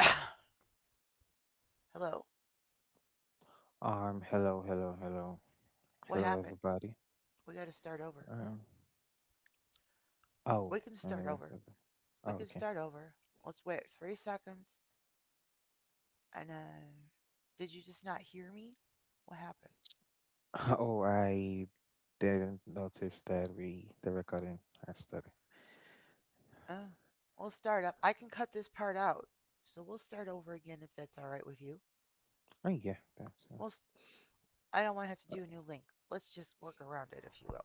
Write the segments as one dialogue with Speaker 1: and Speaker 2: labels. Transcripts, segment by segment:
Speaker 1: Hello,
Speaker 2: Hello, hello, hello,
Speaker 1: what
Speaker 2: hello,
Speaker 1: happened?
Speaker 2: everybody.
Speaker 1: We gotta start over.
Speaker 2: Um, oh,
Speaker 1: We can
Speaker 2: my
Speaker 1: start
Speaker 2: name
Speaker 1: over.
Speaker 2: is. Oh,
Speaker 1: We can
Speaker 2: okay.
Speaker 1: start over. Let's wait three seconds and then. Did you just not hear me? What happened?
Speaker 2: Oh, I didn't notice that we the recording has started.
Speaker 1: Oh, we'll start up. I can cut this part out. So we'll start over again if that's alright with you.
Speaker 2: Oh, yeah, that's.
Speaker 1: We'll s I don't want to have to do a new link. Let's just work around it, if you will.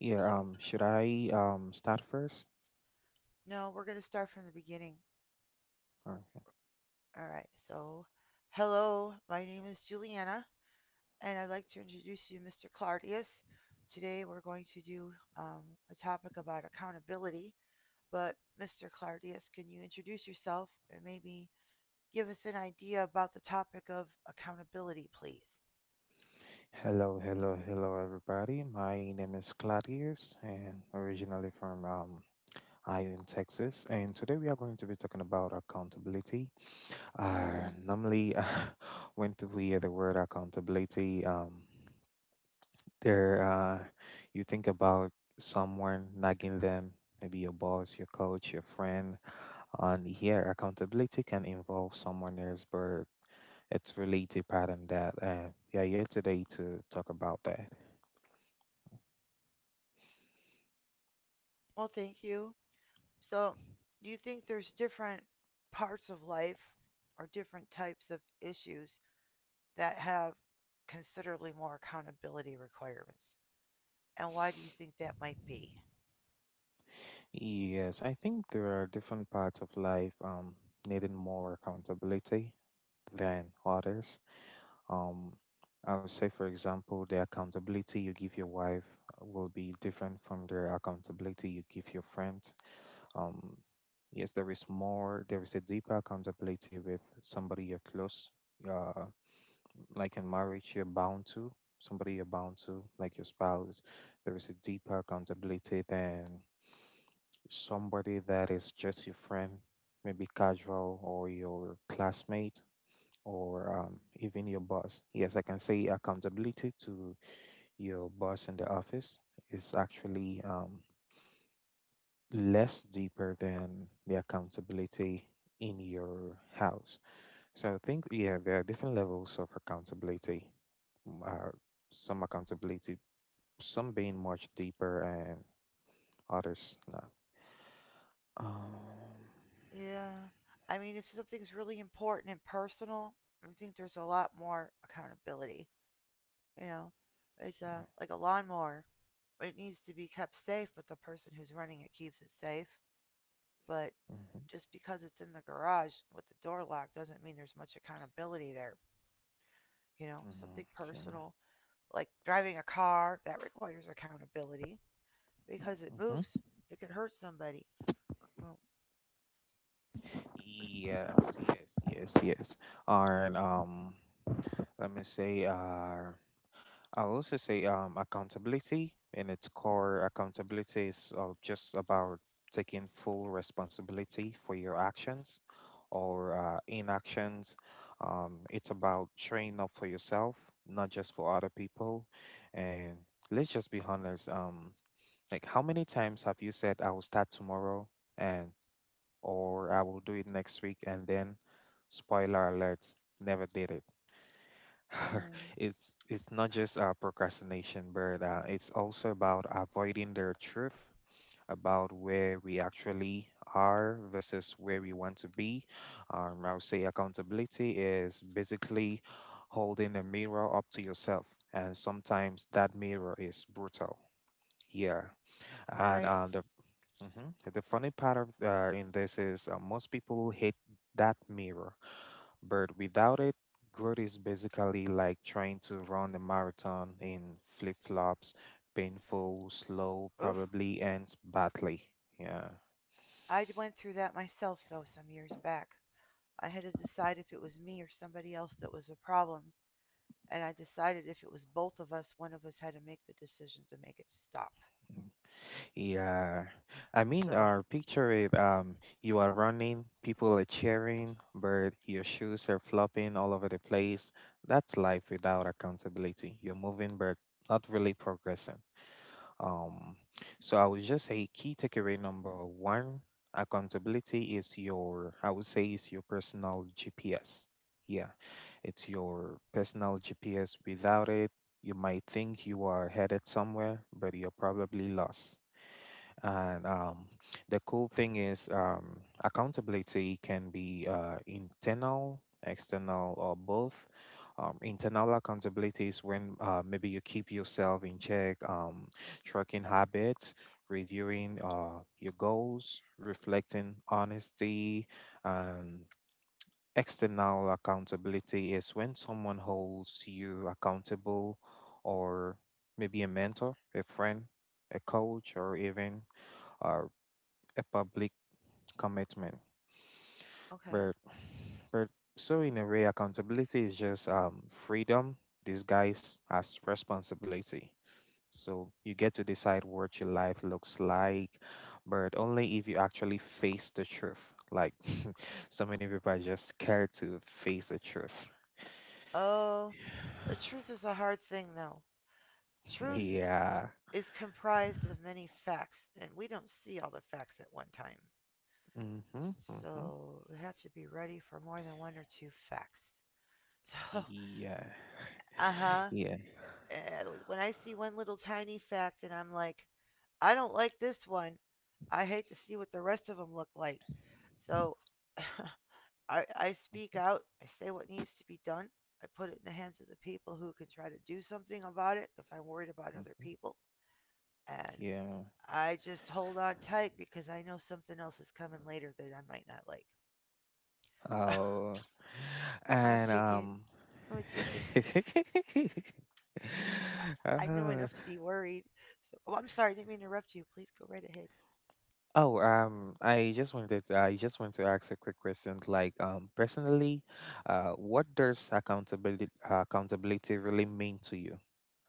Speaker 2: Yeah.
Speaker 1: So,
Speaker 2: Should I start first?
Speaker 1: no, we're gonna start from the beginning.
Speaker 2: Or,
Speaker 1: Alright, so. Hello, my name is Juliana, and I'd like to introduce you Mr. Clardius. Today we're going to do a topic about accountability. But Mr. Clardius, can you introduce yourself and maybe give us an idea about the topic of accountability, please?
Speaker 2: hello, hello, hello, everybody. My name is Claudius, and originally from Ion, Texas. And today we are going to be talking about accountability. Normally, when people hear the word accountability, they're you think about someone nagging them, maybe your boss, your coach, your friend. And here, accountability can involve someone else, but it's really deeper than that. And we are here today to talk about that.
Speaker 1: Well, thank you. So, do you think there's different parts of life or different types of issues that have considerably more accountability requirements? And why do you think that might be?
Speaker 2: Yes, I think there are different parts of life needing more accountability than others. um I would say, for example, the accountability you give your wife will be different from the accountability you give your friends. um yes, there is a deeper accountability with somebody you're close. uh like in marriage, you're bound to somebody, you're bound to, like, your spouse. There is a deeper accountability than somebody that is just your friend, maybe casual, or your classmate, or even your boss. Yes, I can say accountability to your boss in the office is actually less deeper than the accountability in your house. So I think, yeah, there are different levels of accountability. m- Uh, some accountability, some being much deeper, and others not. Um,
Speaker 1: Yeah. I mean, if something's really important and personal, I think there's a lot more accountability. You know,
Speaker 2: yeah.
Speaker 1: it's like a lawnmower. It needs to be kept safe, but the person who's running it keeps it safe. But
Speaker 2: Mhm,
Speaker 1: just because it's in the garage with the door locked doesn't mean there's much accountability there. You know,
Speaker 2: mhm,
Speaker 1: something
Speaker 2: okay,
Speaker 1: personal, like driving a car, that requires accountability because it
Speaker 2: mhm.
Speaker 1: moves. It could hurt somebody. Well,
Speaker 2: Yes, yes, yes, yes. And let me say I'll also say, accountability, in its core, accountability is just about taking full responsibility for your actions or inactions. It's about showing up for yourself, not just for other people. And let's just be honest. Like, how many times have you said I will start tomorrow and, or I will do it next week, and then, spoiler alert, never did it.
Speaker 1: mm,
Speaker 2: It's not just procrastination, but it's also about avoiding the truth about where we actually are versus where we want to be. I would say accountability is basically holding a mirror up to yourself, and sometimes that mirror is brutal. Yeah, and
Speaker 1: right.
Speaker 2: the mhm. the funny part of, in this, is most people hate that mirror, but without it, growth is basically like trying to run a marathon in flip flops, painful, slow,
Speaker 1: Oof.
Speaker 2: probably ends badly. Yeah.
Speaker 1: I went through that myself, though, some years back. I had to decide if it was me or somebody else that was the problem, and I decided if it was both of us, one of us had to make the decision to make it stop.
Speaker 2: Yeah. I mean,
Speaker 1: So,
Speaker 2: picture it. You are running, people are cheering, but your shoes are flopping all over the place. That's life without accountability. You're moving, but not really progressing. Um, so I would just say, key takeaway number one, accountability is your, I would say, is your personal GPS. Yeah, it's your personal GPS. Without it, you might think you are headed somewhere, but you're probably lost. And the cool thing is, accountability can be, internal, external, or both. Internal accountability is when, maybe you keep yourself in check, tracking habits, reviewing your goals, reflecting honesty, and external accountability is when someone holds you accountable, or maybe a mentor, a friend, a coach, or even uh, a public commitment.
Speaker 1: okay.
Speaker 2: But but so, in a way, accountability is just freedom disguised as responsibility. So you get to decide what your life looks like, but only if you actually face the truth. Like, so many people are just scared to face the truth.
Speaker 1: Oh, the truth is a hard thing, though. Truth
Speaker 2: Yeah.
Speaker 1: is comprised of many facts, and we don't see all the facts at one time.
Speaker 2: Mm-hmm. Mm-hmm.
Speaker 1: So, we have to be ready for more than one or two facts. So,
Speaker 2: Yeah.
Speaker 1: uh huh.
Speaker 2: Yeah.
Speaker 1: When I see one little tiny fact and I'm like, I don't like this one. I hate to see what the rest of them look like. So I speak
Speaker 2: Mm-hmm.
Speaker 1: out. I say what needs to be done. I put it in the hands of the people who can try to do something about it if I'm worried about other
Speaker 2: Mm-hmm.
Speaker 1: people. And
Speaker 2: Yeah.
Speaker 1: I just hold on tight because I know something else is coming later that I might not like. So
Speaker 2: Oh,
Speaker 1: I'm a
Speaker 2: and
Speaker 1: chicken. I'm a chicken. I know
Speaker 2: uh,
Speaker 1: enough to be worried. So oh, I'm sorry, I didn't mean to interrupt you. Please go right ahead.
Speaker 2: oh, I just want to ask a quick question. Like, personally, what does accountability really mean to you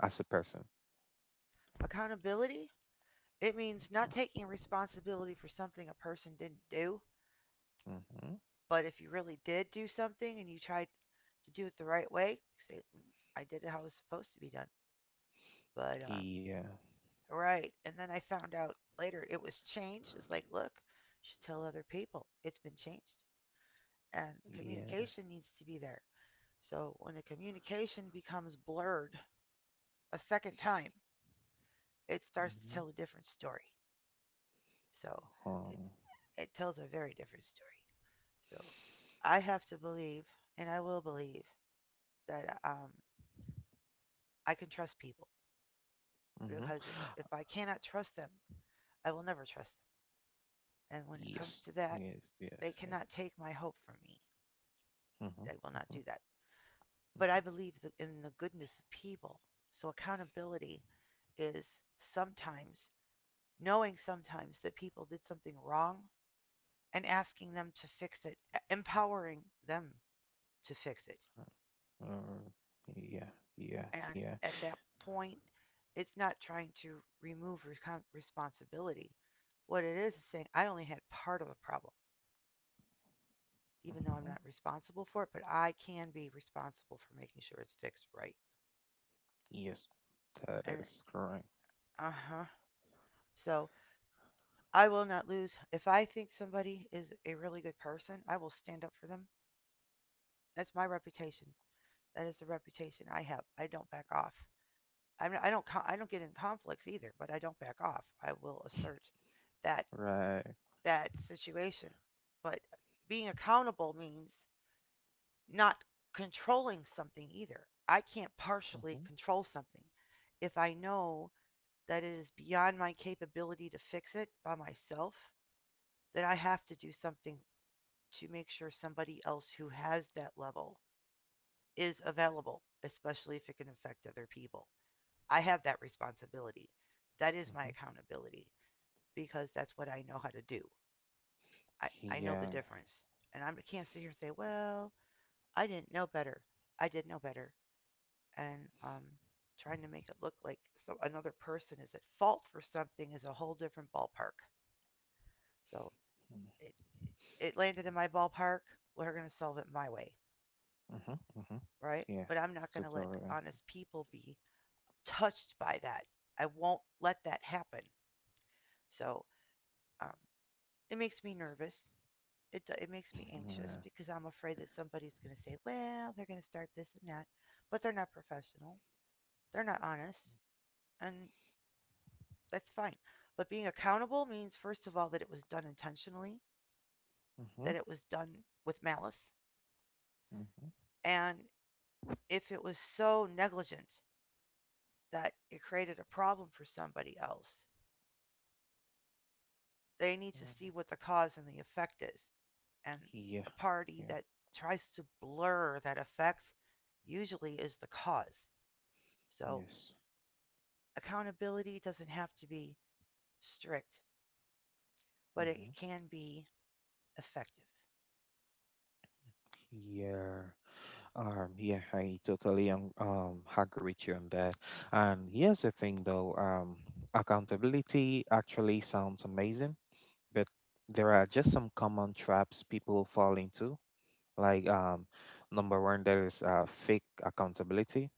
Speaker 2: as a person?
Speaker 1: Accountability. It means not taking responsibility for something a person didn't do,
Speaker 2: Mm-hmm.
Speaker 1: but if you really did do something and you tried to do it the right way, say, "Mm, I did it how it was supposed to be done. But, um,
Speaker 2: Yeah,
Speaker 1: right. And then I found out later it was changed." It's like, look, you should tell other people it's been changed. And
Speaker 2: yeah.
Speaker 1: communication needs to be there. So when the communication becomes blurred a second time, it starts to
Speaker 2: Mm-hmm.
Speaker 1: tell a different story. So it,
Speaker 2: Um,
Speaker 1: it tells a very different story. So I have to believe, and I will believe, that I can trust people
Speaker 2: mm-hmm.
Speaker 1: because if I cannot trust them, I will never trust them. And when it comes
Speaker 2: Yes,
Speaker 1: to that,
Speaker 2: yes, yes,
Speaker 1: they
Speaker 2: yes.
Speaker 1: cannot take my hope from me.
Speaker 2: Mm-hmm.
Speaker 1: They will not
Speaker 2: Mm-hmm.
Speaker 1: do that. But I believe in the goodness of people. So accountability is sometimes knowing sometimes that people did something wrong and asking them to fix it, empowering them to fix it.
Speaker 2: Mm-hmm. Yeah, yeah,
Speaker 1: And
Speaker 2: yeah.
Speaker 1: at that point, it's not trying to remove recon responsibility. What it is saying, I only had part of the problem, even though I'm
Speaker 2: Mhm.
Speaker 1: not responsible for it, but I can be responsible for making sure it's fixed right.
Speaker 2: Yes, that
Speaker 1: And
Speaker 2: is correct.
Speaker 1: uh huh. So I will not lose. If I think somebody is a really good person, I will stand up for them. That's my reputation. That is the reputation I have. I don't back off. I don't. I don't get in conflicts either, but I don't back off. I will assert that
Speaker 2: Right.
Speaker 1: that situation. But being accountable means not controlling something either. I can't partially
Speaker 2: Mm-hmm.
Speaker 1: control something. If I know that it is beyond my capability to fix it by myself, then I have to do something to make sure somebody else who has that level is available, especially if it can affect other people. I have that responsibility. That is my
Speaker 2: Mm-hmm.
Speaker 1: accountability because that's what I know how to do. I know the
Speaker 2: Yeah.
Speaker 1: difference. And I can't sit here and say, well, I didn't know better. I did know better. And trying to make it look like so another person is at fault for something is a whole different ballpark. So it, it landed in my ballpark. We're going to solve it my way,
Speaker 2: Mm-hmm. Mm-hmm.
Speaker 1: right?
Speaker 2: Yeah.
Speaker 1: But I'm not going to
Speaker 2: That's
Speaker 1: let
Speaker 2: all right.
Speaker 1: honest people be touched by that. I won't let that happen. So um, it makes me nervous it makes me anxious
Speaker 2: Yeah.
Speaker 1: because I'm afraid that somebody's going to say, "Well, they're going to start this and that," but they're not professional. They're not honest, and that's fine. But being accountable means first of all that it was done intentionally,
Speaker 2: Mm-hmm.
Speaker 1: that it was done with malice,
Speaker 2: Mm-hmm.
Speaker 1: and if it was so negligent that it created a problem for somebody else, they need to see what the cause and the effect is. And
Speaker 2: Yeah.
Speaker 1: the party
Speaker 2: Yeah.
Speaker 1: that tries to blur that effect usually is the cause. So
Speaker 2: Yes.
Speaker 1: accountability doesn't have to be strict, but
Speaker 2: Mm-hmm.
Speaker 1: it can be effective.
Speaker 2: Yeah. Yeah, I totally agree with you on that. And here's the thing, though, accountability actually sounds amazing, but there are just some common traps people fall into. Like, number one, there is fake accountability.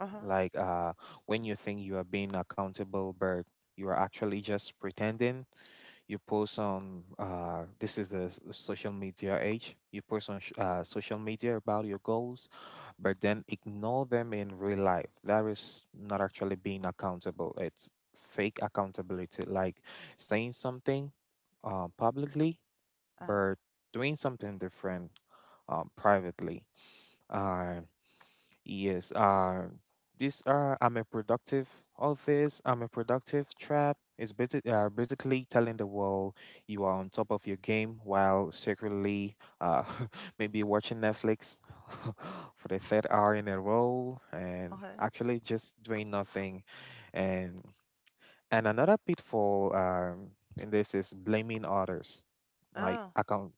Speaker 1: Uh huh.
Speaker 2: Like, when you think you are being accountable, but you are actually just pretending. You post on, this is the social media age, you post on social media about your goals, but then ignore them in real life. That is not actually being accountable, it's fake accountability, like saying something publicly
Speaker 1: Uh
Speaker 2: but doing something different privately. Uh. Yes, this I'm a productive trap. It's basically telling the world you are on top of your game while secretly maybe watching Netflix for the third hour in a row
Speaker 1: huh.
Speaker 2: and
Speaker 1: Okay.
Speaker 2: actually just doing nothing. And another pitfall, in this, is blaming others. Like
Speaker 1: Oh,
Speaker 2: account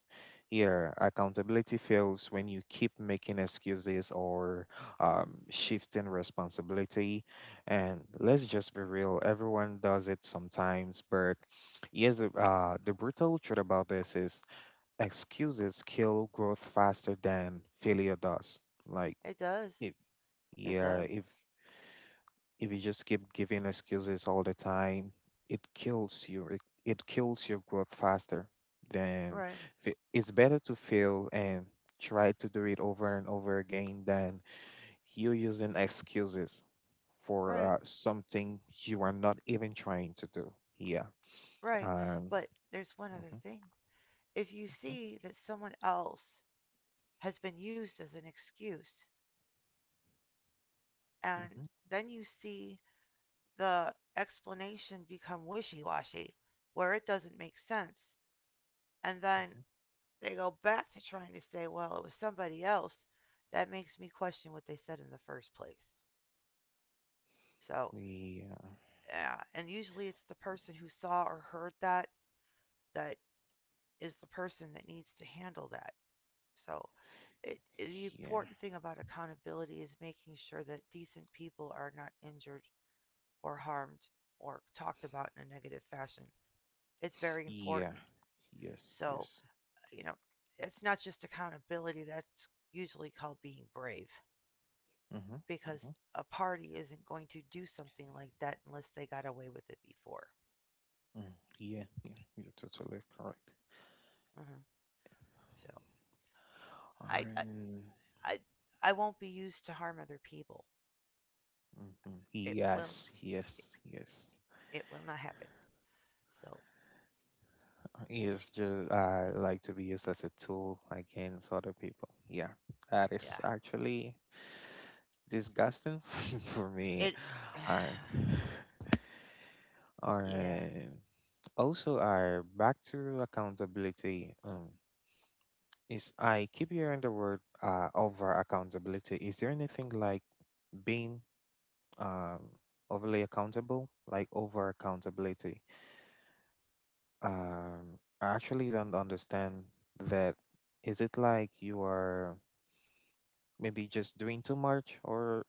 Speaker 2: here, accountability fails when you keep making excuses or shifting responsibility. And let's just be real, everyone does it sometimes. But here's the brutal truth about this is excuses kill growth faster than failure does. Like,
Speaker 1: it does.
Speaker 2: if
Speaker 1: It
Speaker 2: yeah,
Speaker 1: does.
Speaker 2: if you just keep giving excuses all the time, it kills you. It kills your growth faster than
Speaker 1: Right.
Speaker 2: it's better to fail and try to do it over and over again than you using excuses for
Speaker 1: Right.
Speaker 2: something you are not even trying to do. Yeah.
Speaker 1: Right.
Speaker 2: Um,
Speaker 1: But there's one other
Speaker 2: mhm,
Speaker 1: thing. If you
Speaker 2: mhm,
Speaker 1: see that someone else has been used as an excuse, and
Speaker 2: mhm,
Speaker 1: then you see the explanation become wishy washy, where it doesn't make sense, and then
Speaker 2: mhm.
Speaker 1: they go back to trying to say, well, it was somebody else. That makes me question what they said in the first place. So,
Speaker 2: Yeah.
Speaker 1: yeah, and usually it's the person who saw or heard that that is the person that needs to handle that. So, it- the
Speaker 2: Yeah.
Speaker 1: important thing about accountability is making sure that decent people are not injured or harmed or talked about in a negative fashion. It's very
Speaker 2: Yeah.
Speaker 1: important.
Speaker 2: Yes.
Speaker 1: So,
Speaker 2: Yes.
Speaker 1: you know, it's not just accountability, that's usually called being brave,
Speaker 2: Mm-hmm.
Speaker 1: because
Speaker 2: Mm-hmm.
Speaker 1: a party isn't going to do something like that unless they got away with it before.
Speaker 2: Mm. Yeah. Yeah. You're totally correct.
Speaker 1: Mhm. So I I
Speaker 2: Um,
Speaker 1: I, I won't be used to harm other people.
Speaker 2: mhm.
Speaker 1: It will
Speaker 2: Yes,
Speaker 1: it,
Speaker 2: yes, yes.
Speaker 1: it will not happen. So
Speaker 2: It's just I like to be used as a tool against other people. Yeah, that is
Speaker 1: yeah,
Speaker 2: actually disgusting for me.
Speaker 1: it
Speaker 2: Alright,
Speaker 1: yeah.
Speaker 2: alright. Also, I, back to accountability. Is, I keep hearing the word over accountability. Is there anything like being um overly accountable, like over accountability? I actually don't understand that. Is it like you are maybe just doing too much, or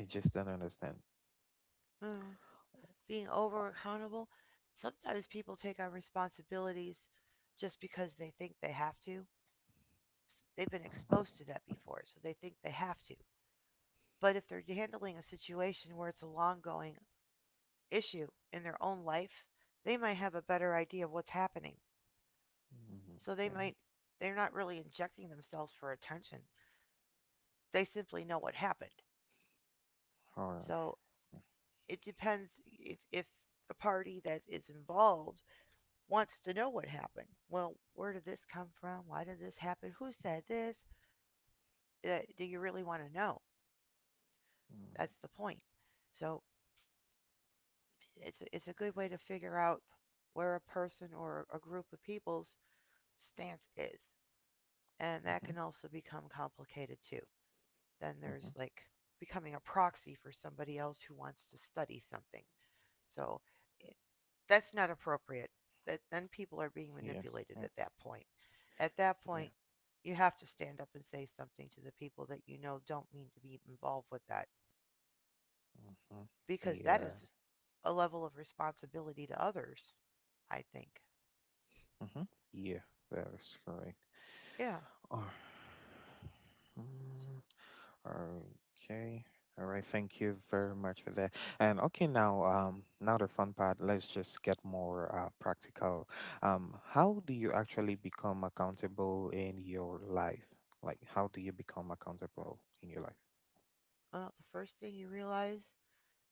Speaker 2: I just don't understand?
Speaker 1: Mm. Being over accountable, sometimes people take on responsibilities just because they think they have to. They've been exposed to that before, so they think they have to. But if they're handling a situation where it's a long going issue in their own life, they might have a better idea of what's happening.
Speaker 2: Mhm.
Speaker 1: So they
Speaker 2: Okay.
Speaker 1: might they're not really injecting themselves for attention. They simply know what happened.
Speaker 2: Or,
Speaker 1: So it depends if the party that is involved wants to know what happened. Well, where did this come from? Why did this happen? Who said this? Do you really want to know?
Speaker 2: mm-hmm.
Speaker 1: That's the point. So it's a good way to figure out where a person or a group of people's stance is, and that
Speaker 2: Mm-hmm.
Speaker 1: can also become complicated too. Then there's
Speaker 2: Mm-hmm.
Speaker 1: like becoming a proxy for somebody else who wants to study something. So eh, that's not appropriate. That then people are being
Speaker 2: Yes.
Speaker 1: manipulated at
Speaker 2: Yes.
Speaker 1: that point. At that
Speaker 2: Yeah.
Speaker 1: point, you have to stand up and say something to the people that you know don't mean to be involved with that
Speaker 2: Mm-hmm.
Speaker 1: because that
Speaker 2: Yeah.
Speaker 1: is a level of responsibility to others, I think.
Speaker 2: Mm-hmm. Yeah. That is correct.
Speaker 1: Yeah.
Speaker 2: Oh. Okay. All right. Thank you very much for that. And okay, now, now the fun part. Let's just get more practical. How do you actually become accountable in your life? Like, how do you become accountable in your life?
Speaker 1: Well, the first thing you realize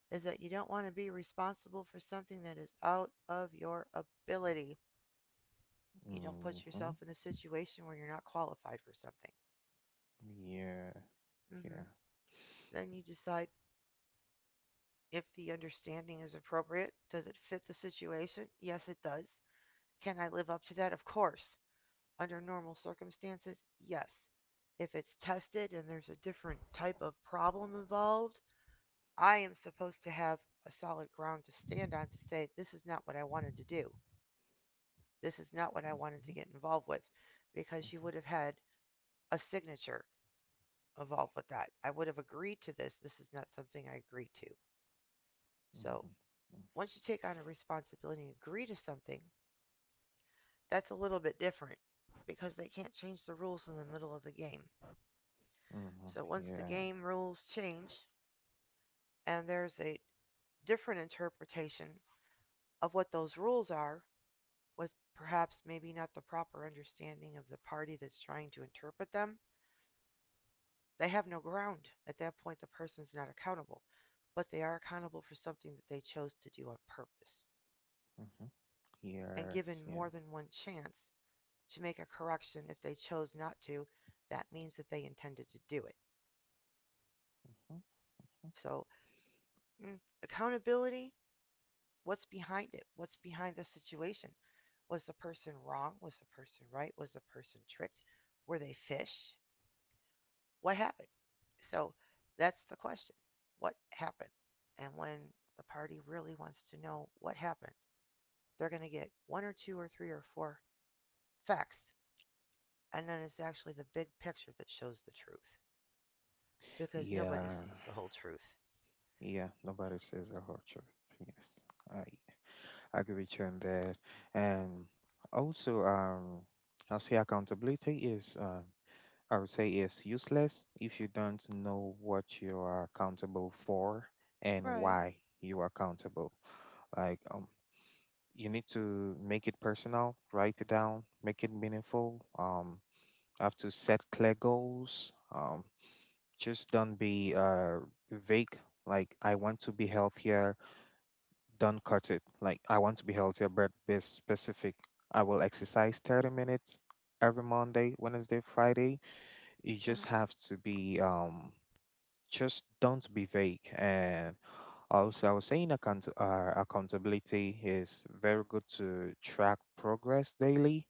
Speaker 1: is that you don't want to be responsible for something that is out of your ability. You don't put
Speaker 2: Mm-hmm.
Speaker 1: yourself in a situation where you're not qualified for something.
Speaker 2: Yeah.
Speaker 1: Hmm.
Speaker 2: Yeah.
Speaker 1: Then you decide if the understanding is appropriate. Does it fit the situation? Yes, it does. Can I live up to that? Of course. Under normal circumstances, yes. If it's tested and there's a different type of problem involved, I am supposed to have a solid ground to stand on to say this is not what I wanted to do. This is not what I wanted
Speaker 2: Mm-hmm.
Speaker 1: to get involved with because you
Speaker 2: Mm-hmm.
Speaker 1: would have had a signature involved with that. I would have agreed to this. This is not something I agreed to. So once you take on a responsibility and agree to something, that's a little bit different because they can't change the rules in the middle of the game.
Speaker 2: Mm-hmm. Mm-hmm.
Speaker 1: So once the
Speaker 2: Yeah.
Speaker 1: game rules change and there's a different interpretation of what those rules are, with perhaps maybe not the proper understanding of the party that's trying to interpret them, they have no ground. At that point, the person's not accountable, but they are accountable for something that they chose to do on purpose.
Speaker 2: Mm-hmm.
Speaker 1: And
Speaker 2: Yes.
Speaker 1: given
Speaker 2: Yeah. Mm-hmm.
Speaker 1: more than one chance to make a correction, if they chose not to, that means that they intended to do it. So, accountability, what's behind it? What's behind the situation? Was the person wrong? Was the person right? Was the person tricked? Were they fish? What happened? So that's the question. What happened? And when the party really wants to know what happened, they're going to get one or two or three or four facts. And then it's actually the big picture that shows the truth because nobody
Speaker 2: Yeah,
Speaker 1: sees the whole truth.
Speaker 2: yeah, nobody says the whole truth. Yes, I I agree with you on that. And also, I'll say accountability is, I would say, is useless if you don't know what you are accountable for and
Speaker 1: Right.
Speaker 2: why you are accountable. Like, you need to make it personal, write it down, make it meaningful. Have to set clear goals. Just don't be vague. Like, I want to be healthier don't cut it. Like, I want to be healthier, but be specific. I will exercise 30 minutes every Monday, Wednesday, Friday. You
Speaker 1: Uh
Speaker 2: just
Speaker 1: huh.
Speaker 2: have to be, just don't be vague. And also, I was saying accountability is very good to track progress daily.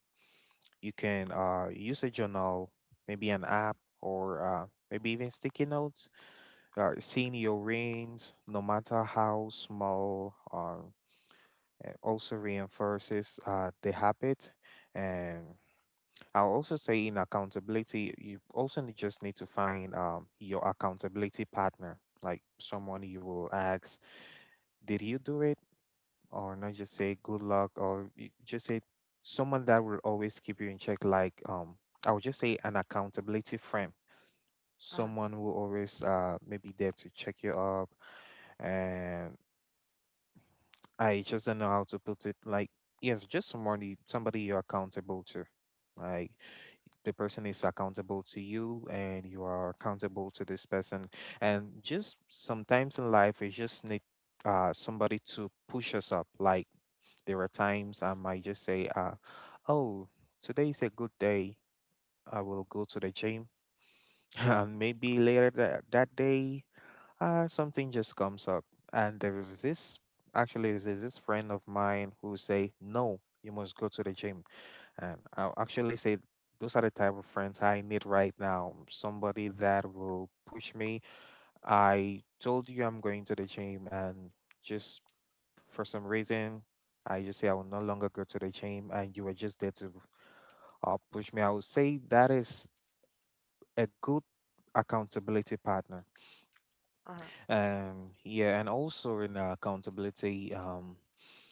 Speaker 2: You can use a journal, maybe an app, or maybe even sticky notes. Seeing your rings, no matter how small, also reinforces the habit. And I'll also say in accountability, you also just need to find your accountability partner, like someone you will ask, did you do it? Or not just say good luck, or you just say someone that will always keep you in check, like, I would just say an accountability friend.
Speaker 1: Uh huh.
Speaker 2: Someone who always maybe there to check you up, and. I just don't know how to put it. Like, yes, just somebody you're accountable to. Like, the person is accountable to you and you are accountable to this person. And just sometimes in life we just need somebody to push us up. Like, there are times I might just say, oh, today is a good day. I will go to the gym. And maybe later that day, something just comes up, and there was this, actually there's this friend of mine who say no, you must go to the gym. And I'll actually say, those are the type of friends I need right now, somebody that will push me. I told you I'm going to the gym, and just for some reason I just say I will no longer go to the gym, and you were just there to push me. I would say that is a good accountability partner.
Speaker 1: Uh huh.
Speaker 2: Yeah, and also in accountability,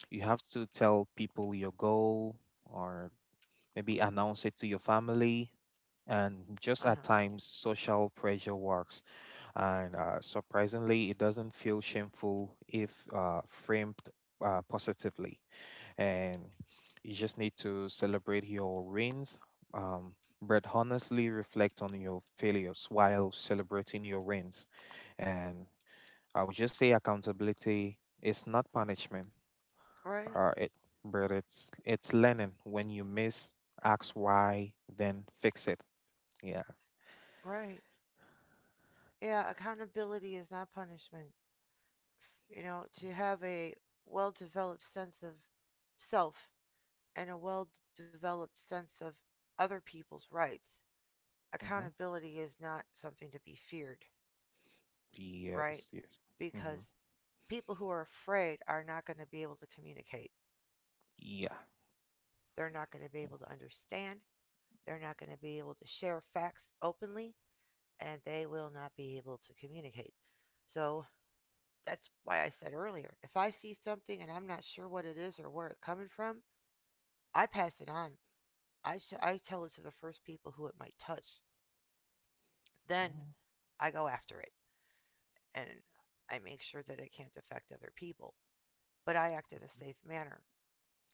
Speaker 2: you have to tell people your goal, or maybe announce it to your family. And just
Speaker 1: Uh
Speaker 2: at
Speaker 1: huh.
Speaker 2: times, social pressure works. And surprisingly, it doesn't feel shameful if framed positively. And you just need to celebrate your wins, um, but honestly reflect on your failures while celebrating your wins. And I would just say accountability is not punishment,
Speaker 1: Right.
Speaker 2: uh, it, but it's learning. When you miss, ask why, then fix it. Yeah.
Speaker 1: Right. Yeah. Accountability is not punishment. You know, to have a well developed sense of self and a well developed sense of other people's rights,
Speaker 2: Mm-hmm.
Speaker 1: accountability is not something to be feared, right?
Speaker 2: Yes. Yes.
Speaker 1: Because
Speaker 2: Mm-hmm.
Speaker 1: people who are afraid are not going to be able to communicate.
Speaker 2: Yeah.
Speaker 1: They're not going to be able to understand. They're not going to be able to share facts openly, and they will not be able to communicate. So that's why I said earlier, if I see something and I'm not sure what it is or where it's coming from, I pass it on. I tell it to the first people who it might touch. Then I go after it and I make sure that it can't affect other people. But I act in a
Speaker 2: Mm-hmm.
Speaker 1: safe manner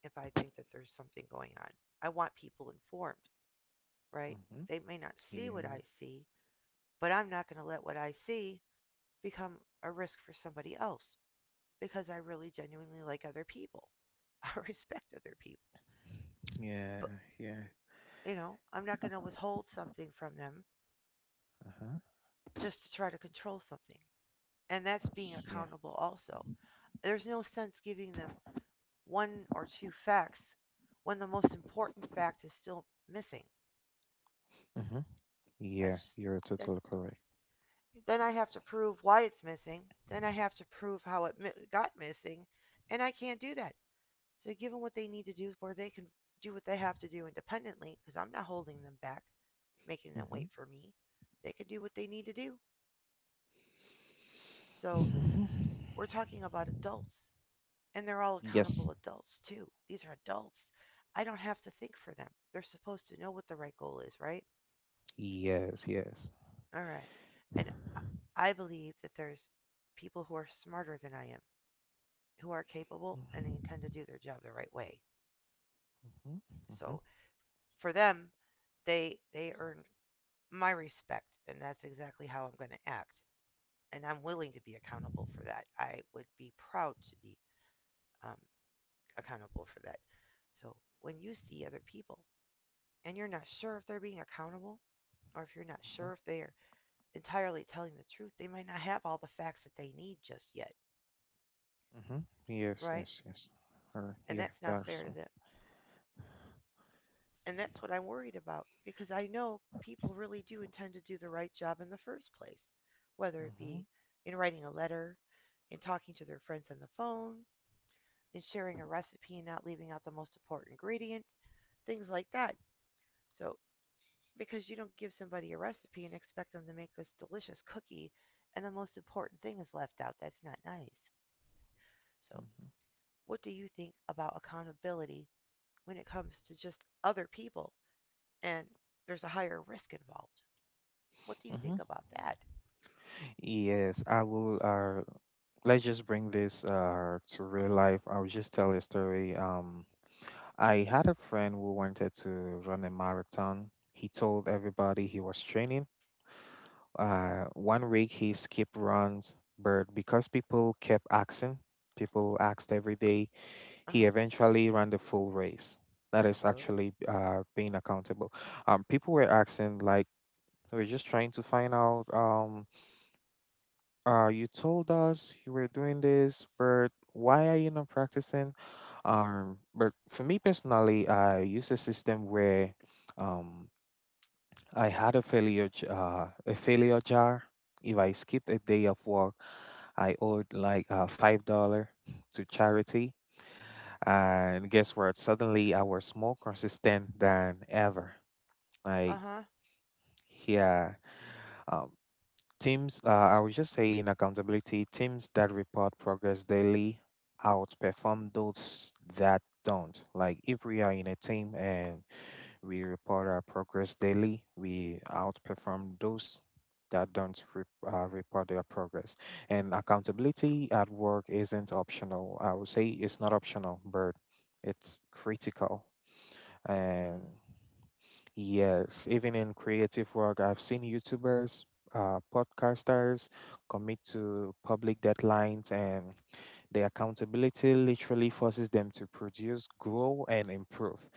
Speaker 1: if I think that there's something going on. I want people informed, right?
Speaker 2: Mm-hmm.
Speaker 1: They may not see what I
Speaker 2: Yeah.
Speaker 1: see, but I'm not going to let what I see become a risk for somebody else because I really genuinely like other people. I respect other people.
Speaker 2: Yeah.
Speaker 1: But,
Speaker 2: Yeah.
Speaker 1: you know, I'm not going to withhold something from them
Speaker 2: Uh-huh.
Speaker 1: just to try to control something. And that's being
Speaker 2: Yeah.
Speaker 1: accountable also. There's no sense giving them one or two facts when the most important fact is still missing.
Speaker 2: Mm-hmm.
Speaker 1: That's
Speaker 2: Yeah.
Speaker 1: just
Speaker 2: You're
Speaker 1: that.
Speaker 2: totally correct.
Speaker 1: Then I have to prove why it's missing. Then I have to prove how it got missing, and I can't do that. So give them what they need to do, where they can do what they have to do independently, because I'm not holding them back, making them
Speaker 2: Mm-hmm.
Speaker 1: wait for me. They can do what they need to do. So we're talking about adults, and they're all
Speaker 2: Yes.
Speaker 1: accountable adults too. These are adults. I don't have to think for them. They're supposed to know what the right goal is, right?
Speaker 2: Yes. Yes.
Speaker 1: All right. And I I believe that there's people who are smarter than I am, who are capable and they intend
Speaker 2: Mm-hmm.
Speaker 1: to do their job the right way.
Speaker 2: Mm-hmm. Mm-hmm.
Speaker 1: So for them, they earned my respect, and that's exactly how I'm going to act. And I'm willing to be accountable for that. I would be proud to be um, accountable for that. So when you see other people and you're not sure if they're being accountable, or if you're not sure if they're entirely telling the truth, they might not have all the facts that they need just yet,
Speaker 2: Mm-hmm. Yes,
Speaker 1: right?
Speaker 2: yes, yes. Or
Speaker 1: And
Speaker 2: yeah,
Speaker 1: that's not fair
Speaker 2: that's
Speaker 1: to them. And that's what I'm worried about because I know people really do intend to do the right job in the first place, whether it
Speaker 2: mm-hmm.
Speaker 1: be in writing a letter, in talking to their friends on the phone, in sharing a recipe and not leaving out the most important ingredient, things like that. So, because you don't give somebody a recipe and expect them to make this delicious cookie and the most important thing is left out, that's not nice. So,
Speaker 2: Mm-hmm.
Speaker 1: what do you think about accountability when it comes to just other people, and there's a higher risk involved. What do you
Speaker 2: Mm-hmm.
Speaker 1: think about that?
Speaker 2: Yes, I will. Let's just bring this to real life. I'll just tell a story. I had a friend who wanted to run a marathon. He told everybody he was training. 1 week he skipped runs, but because people kept asking, people asked every day,
Speaker 1: Uh
Speaker 2: he
Speaker 1: huh.
Speaker 2: eventually ran the full race. That is
Speaker 1: Uh
Speaker 2: actually being accountable. People were asking, like, we are just trying to find out. You told us you were doing this, but why are you not practicing? But for me personally, I use a system where um, I had a failure jar. If I skipped a day of work, I owed like $5 to charity. And guess what? Suddenly I was more consistent than ever. Like,
Speaker 1: uh huh.
Speaker 2: yeah. Um, teams, I would just say in accountability, teams that report progress daily outperform those that don't. Like, if we are in a team and we report our progress daily. We outperform those that don't report their progress. And accountability at work isn't optional. I would say it's not optional, but it's critical. And
Speaker 1: Uh
Speaker 2: yes, even in creative work, I've seen YouTubers, podcasters commit to public deadlines and the accountability literally forces them to produce, grow, and improve.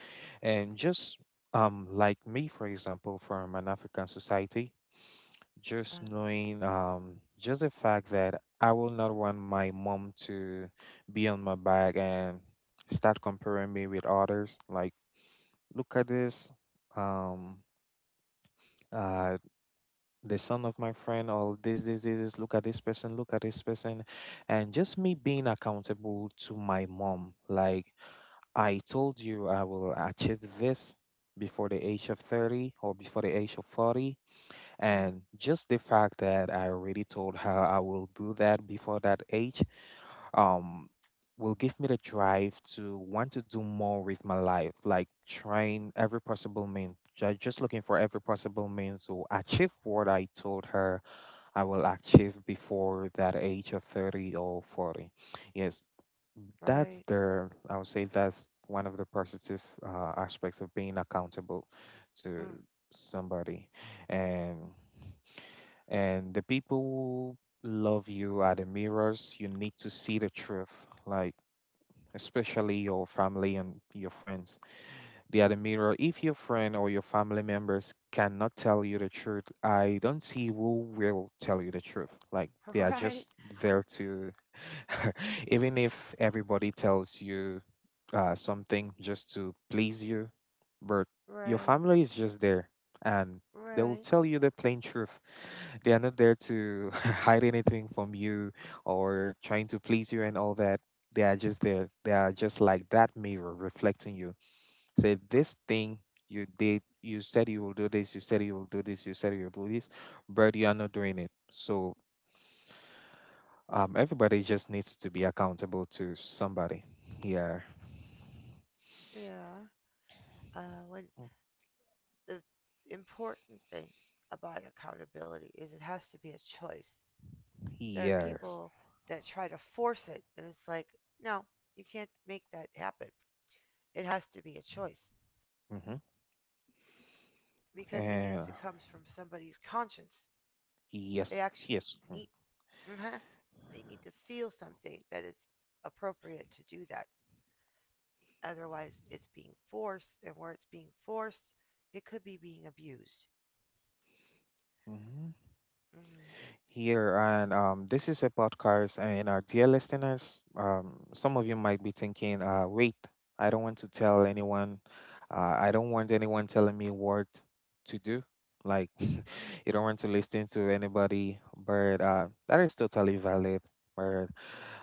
Speaker 2: And just like me, for example, from an African society, just
Speaker 1: huh.
Speaker 2: knowing just the fact that I will not want my mom to be on my back and start comparing me with others. Like, look at this. Um, uh, the son of my friend, or this, look at this person, look at this person and just me being accountable to my mom, like I told you I will achieve this before the age of 30 or before the age of 40.
Speaker 1: Uh-huh.
Speaker 2: And just the fact that I already told her I will do that before that age um, will give me the drive to want to do more with my life, like trying every possible means, just looking for every possible means to achieve what I told her I will achieve before that age of 30 or 40. Yes, that's
Speaker 1: Right.
Speaker 2: the I would say that's one of the positive aspects of being accountable to
Speaker 1: Uh,
Speaker 2: somebody. and and the people who love you are the mirrors you need to see the truth, like especially your family and your friends, the other mirror. If your friend or your family members cannot tell you the truth, I don't see who will tell you the truth. Like they are
Speaker 1: right.
Speaker 2: just there to, even if everybody tells you something just to please you, but your
Speaker 1: Right.
Speaker 2: family is just there, and they will
Speaker 1: Right.
Speaker 2: tell you the plain truth. They are not there to hide anything from you or trying to please you and all that. They are just there. They are just like that mirror reflecting you. Say this thing you did, you said you will do this, you said you will do this, you said you'll do this, but you are not doing it. So everybody just needs to be accountable to somebody. Yeah.
Speaker 1: Yeah. Uh, when the important thing about accountability is it has to be a choice. There are
Speaker 2: Yes.
Speaker 1: people that try to force it, and it's like, no, you can't make that happen. It has to be a choice
Speaker 2: Mm-hmm.
Speaker 1: because it needs
Speaker 2: And
Speaker 1: to come from somebody's conscience. They
Speaker 2: yes,
Speaker 1: actually
Speaker 2: yes.
Speaker 1: need. Uh huh. They need to feel something that it's appropriate to do that. Otherwise, it's being forced, and where it's being forced, it could be being abused.
Speaker 2: Mm-hmm.
Speaker 1: Hmm.
Speaker 2: Here, and this is a podcast. And our dear listeners, some of you might be thinking, "Wait, I don't want to tell anyone. I don't want anyone telling me what to do. Like, you don't want to listen to anybody." But that is totally valid. But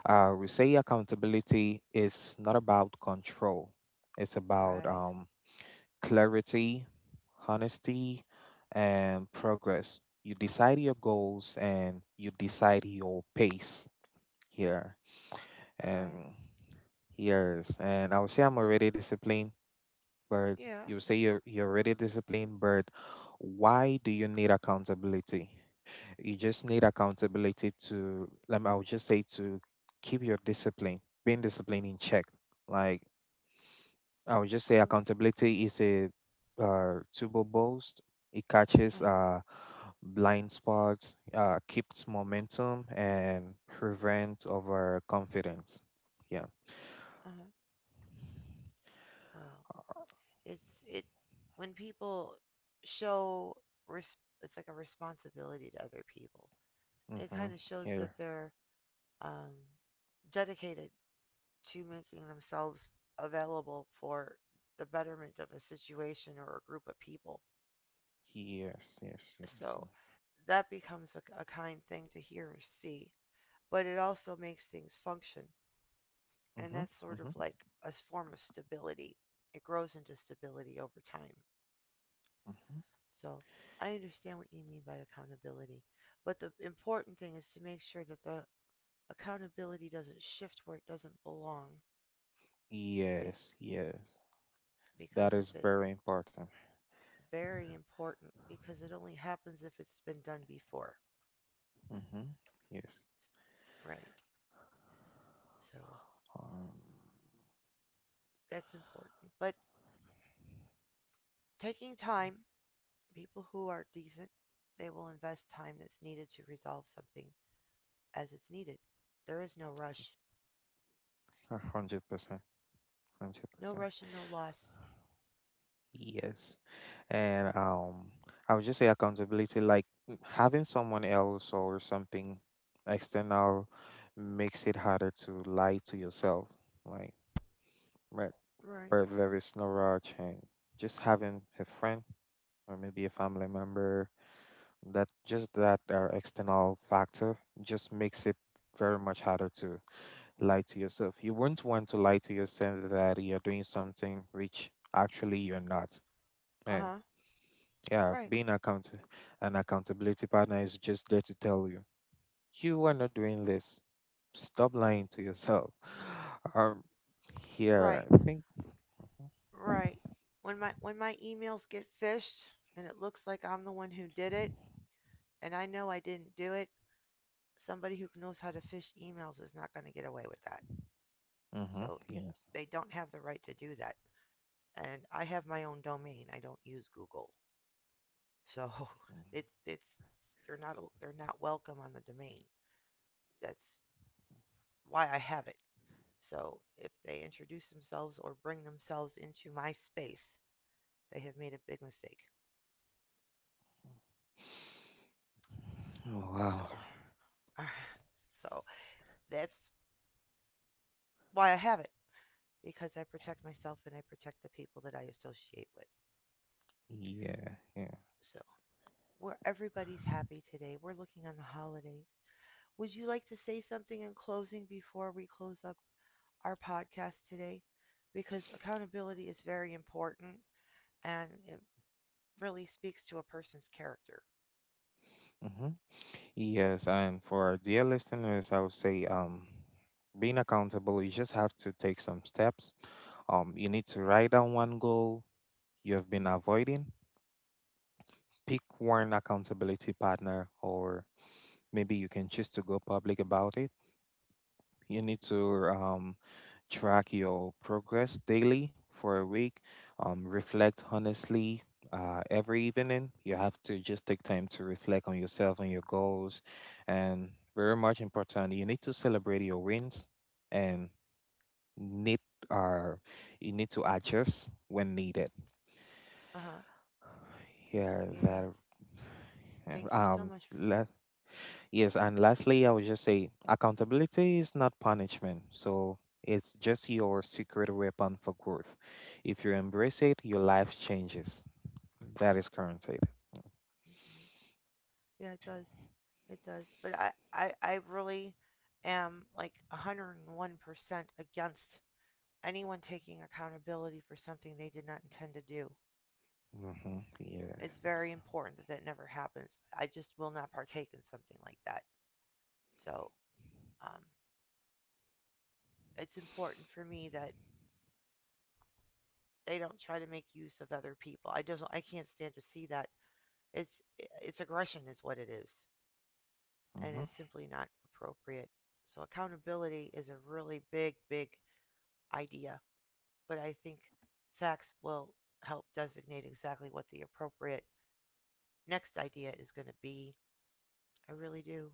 Speaker 2: we say accountability is not about control. It's about
Speaker 1: Right.
Speaker 2: clarity, honesty, and progress. You decide your goals and you decide your pace here. And
Speaker 1: Right.
Speaker 2: years. And I would say I'm already disciplined, but
Speaker 1: Yeah.
Speaker 2: you say you're already disciplined, but why do you need accountability? You just need accountability to let me, I would just say, to keep your discipline, being disciplined in check. Like I would just say
Speaker 1: Uh
Speaker 2: accountability is a turbo boost. It catches
Speaker 1: huh.
Speaker 2: blind spots, keeps momentum, and prevents overconfidence. Yeah.
Speaker 1: Uh huh. Well, it when people show res- it's like a responsibility to other people. It
Speaker 2: Mm-hmm.
Speaker 1: kind of shows that
Speaker 2: Here.
Speaker 1: they're um, dedicated to making themselves available for the betterment of a situation or a group of people.
Speaker 2: Yes. Yes. Yes.
Speaker 1: So that becomes a kind thing to hear or see, but it also makes things function. And
Speaker 2: Mm-hmm.
Speaker 1: that's sort of
Speaker 2: Mm-hmm.
Speaker 1: like a form of stability. It grows into stability over time.
Speaker 2: Mm-hmm.
Speaker 1: So I understand what you mean by accountability. But the important thing is to make sure that the accountability doesn't shift where it doesn't belong. Be-
Speaker 2: Yes. Yes.
Speaker 1: because
Speaker 2: That
Speaker 1: if
Speaker 2: is
Speaker 1: it,
Speaker 2: very important.
Speaker 1: very important, because it only happens if it's been done before.
Speaker 2: Mm-hmm. Yes.
Speaker 1: Right. So
Speaker 2: Um,
Speaker 1: that's important. But taking time, people who are decent, they will invest time that's needed to resolve something as it's needed. There is no rush.
Speaker 2: 100%. Hundred
Speaker 1: No
Speaker 2: percent.
Speaker 1: rush and no loss.
Speaker 2: Yes. And um, I would just say accountability, like having someone else or something external makes it harder to lie to yourself. Like but
Speaker 1: Right.
Speaker 2: but there is no rush, and just having a friend or maybe a family member, that just that external factor just makes it very much harder to lie to yourself. You wouldn't want to lie to yourself that you're doing something which actually you're not.
Speaker 1: Uh huh.
Speaker 2: Yeah,
Speaker 1: Right.
Speaker 2: being account An accountability partner is just there to tell you, you are not doing this. Stop lying to yourself. Um, Here,
Speaker 1: Right.
Speaker 2: I think.
Speaker 1: Right. When my emails get fished and it looks like I'm the one who did it and I know I didn't do it, somebody who knows how to fish emails is not going to get away with that.
Speaker 2: Mm-hmm.
Speaker 1: So
Speaker 2: Yes.
Speaker 1: they don't have the right to do that. And I have my own domain. I don't use Google. So it's they're not welcome on the domain. That's why I have it. So if they introduce themselves or bring themselves into my space, they have made a big mistake.
Speaker 2: Oh,
Speaker 1: So
Speaker 2: wow.
Speaker 1: so that's why I have it, because I protect myself and I protect the people that I associate with.
Speaker 2: Yeah. Yeah.
Speaker 1: So where everybody's happy today. We're looking on the holidays. Would you like to say something in closing before we close up our podcast today, because accountability is very important and it really speaks to a person's character.
Speaker 2: Mm-hmm. Yes, and for our dear listeners, I would say being accountable, you just have to take some steps. You need to write down one goal you have been avoiding, pick one accountability partner, or maybe you can choose to go public about it. You need to track your progress daily for a week, reflect honestly. Every evening, you have to just take time to reflect on yourself and your goals. And very much important, you need to celebrate your wins and need are you need to adjust when needed.
Speaker 1: Uh huh.
Speaker 2: Yeah, that.
Speaker 1: Yeah.
Speaker 2: Yeah,
Speaker 1: Thank you so much. For,
Speaker 2: Let yes, and lastly, I would just say accountability is not punishment. So it's just your secret weapon for growth. If you embrace it, your life changes. That is guaranteed.
Speaker 1: Mhm. Yeah, it does. It does. But I really am like 101% against anyone taking accountability for something they did not intend to do.
Speaker 2: Mm-hmm. Yeah.
Speaker 1: It's very important that that never happens. I just will not partake in something like that. So um, it's important for me that they don't try to make use of other people. I can't stand to see that. It's it's aggression is what it is, and
Speaker 2: Mm-hmm.
Speaker 1: it's simply not appropriate. So accountability is a really big idea, but I think facts will help designate exactly what the appropriate next idea is going to be. I really do.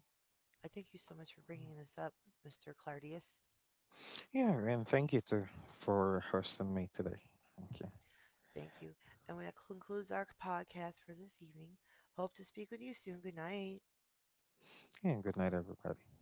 Speaker 1: I thank you so much for bringing this up, Mr. Clardius.
Speaker 2: Yeah, and thank you too for hosting me today. Okay.
Speaker 1: Thank you. And that concludes our podcast for this evening. Hope to speak with you soon. Good night.
Speaker 2: And good night, everybody.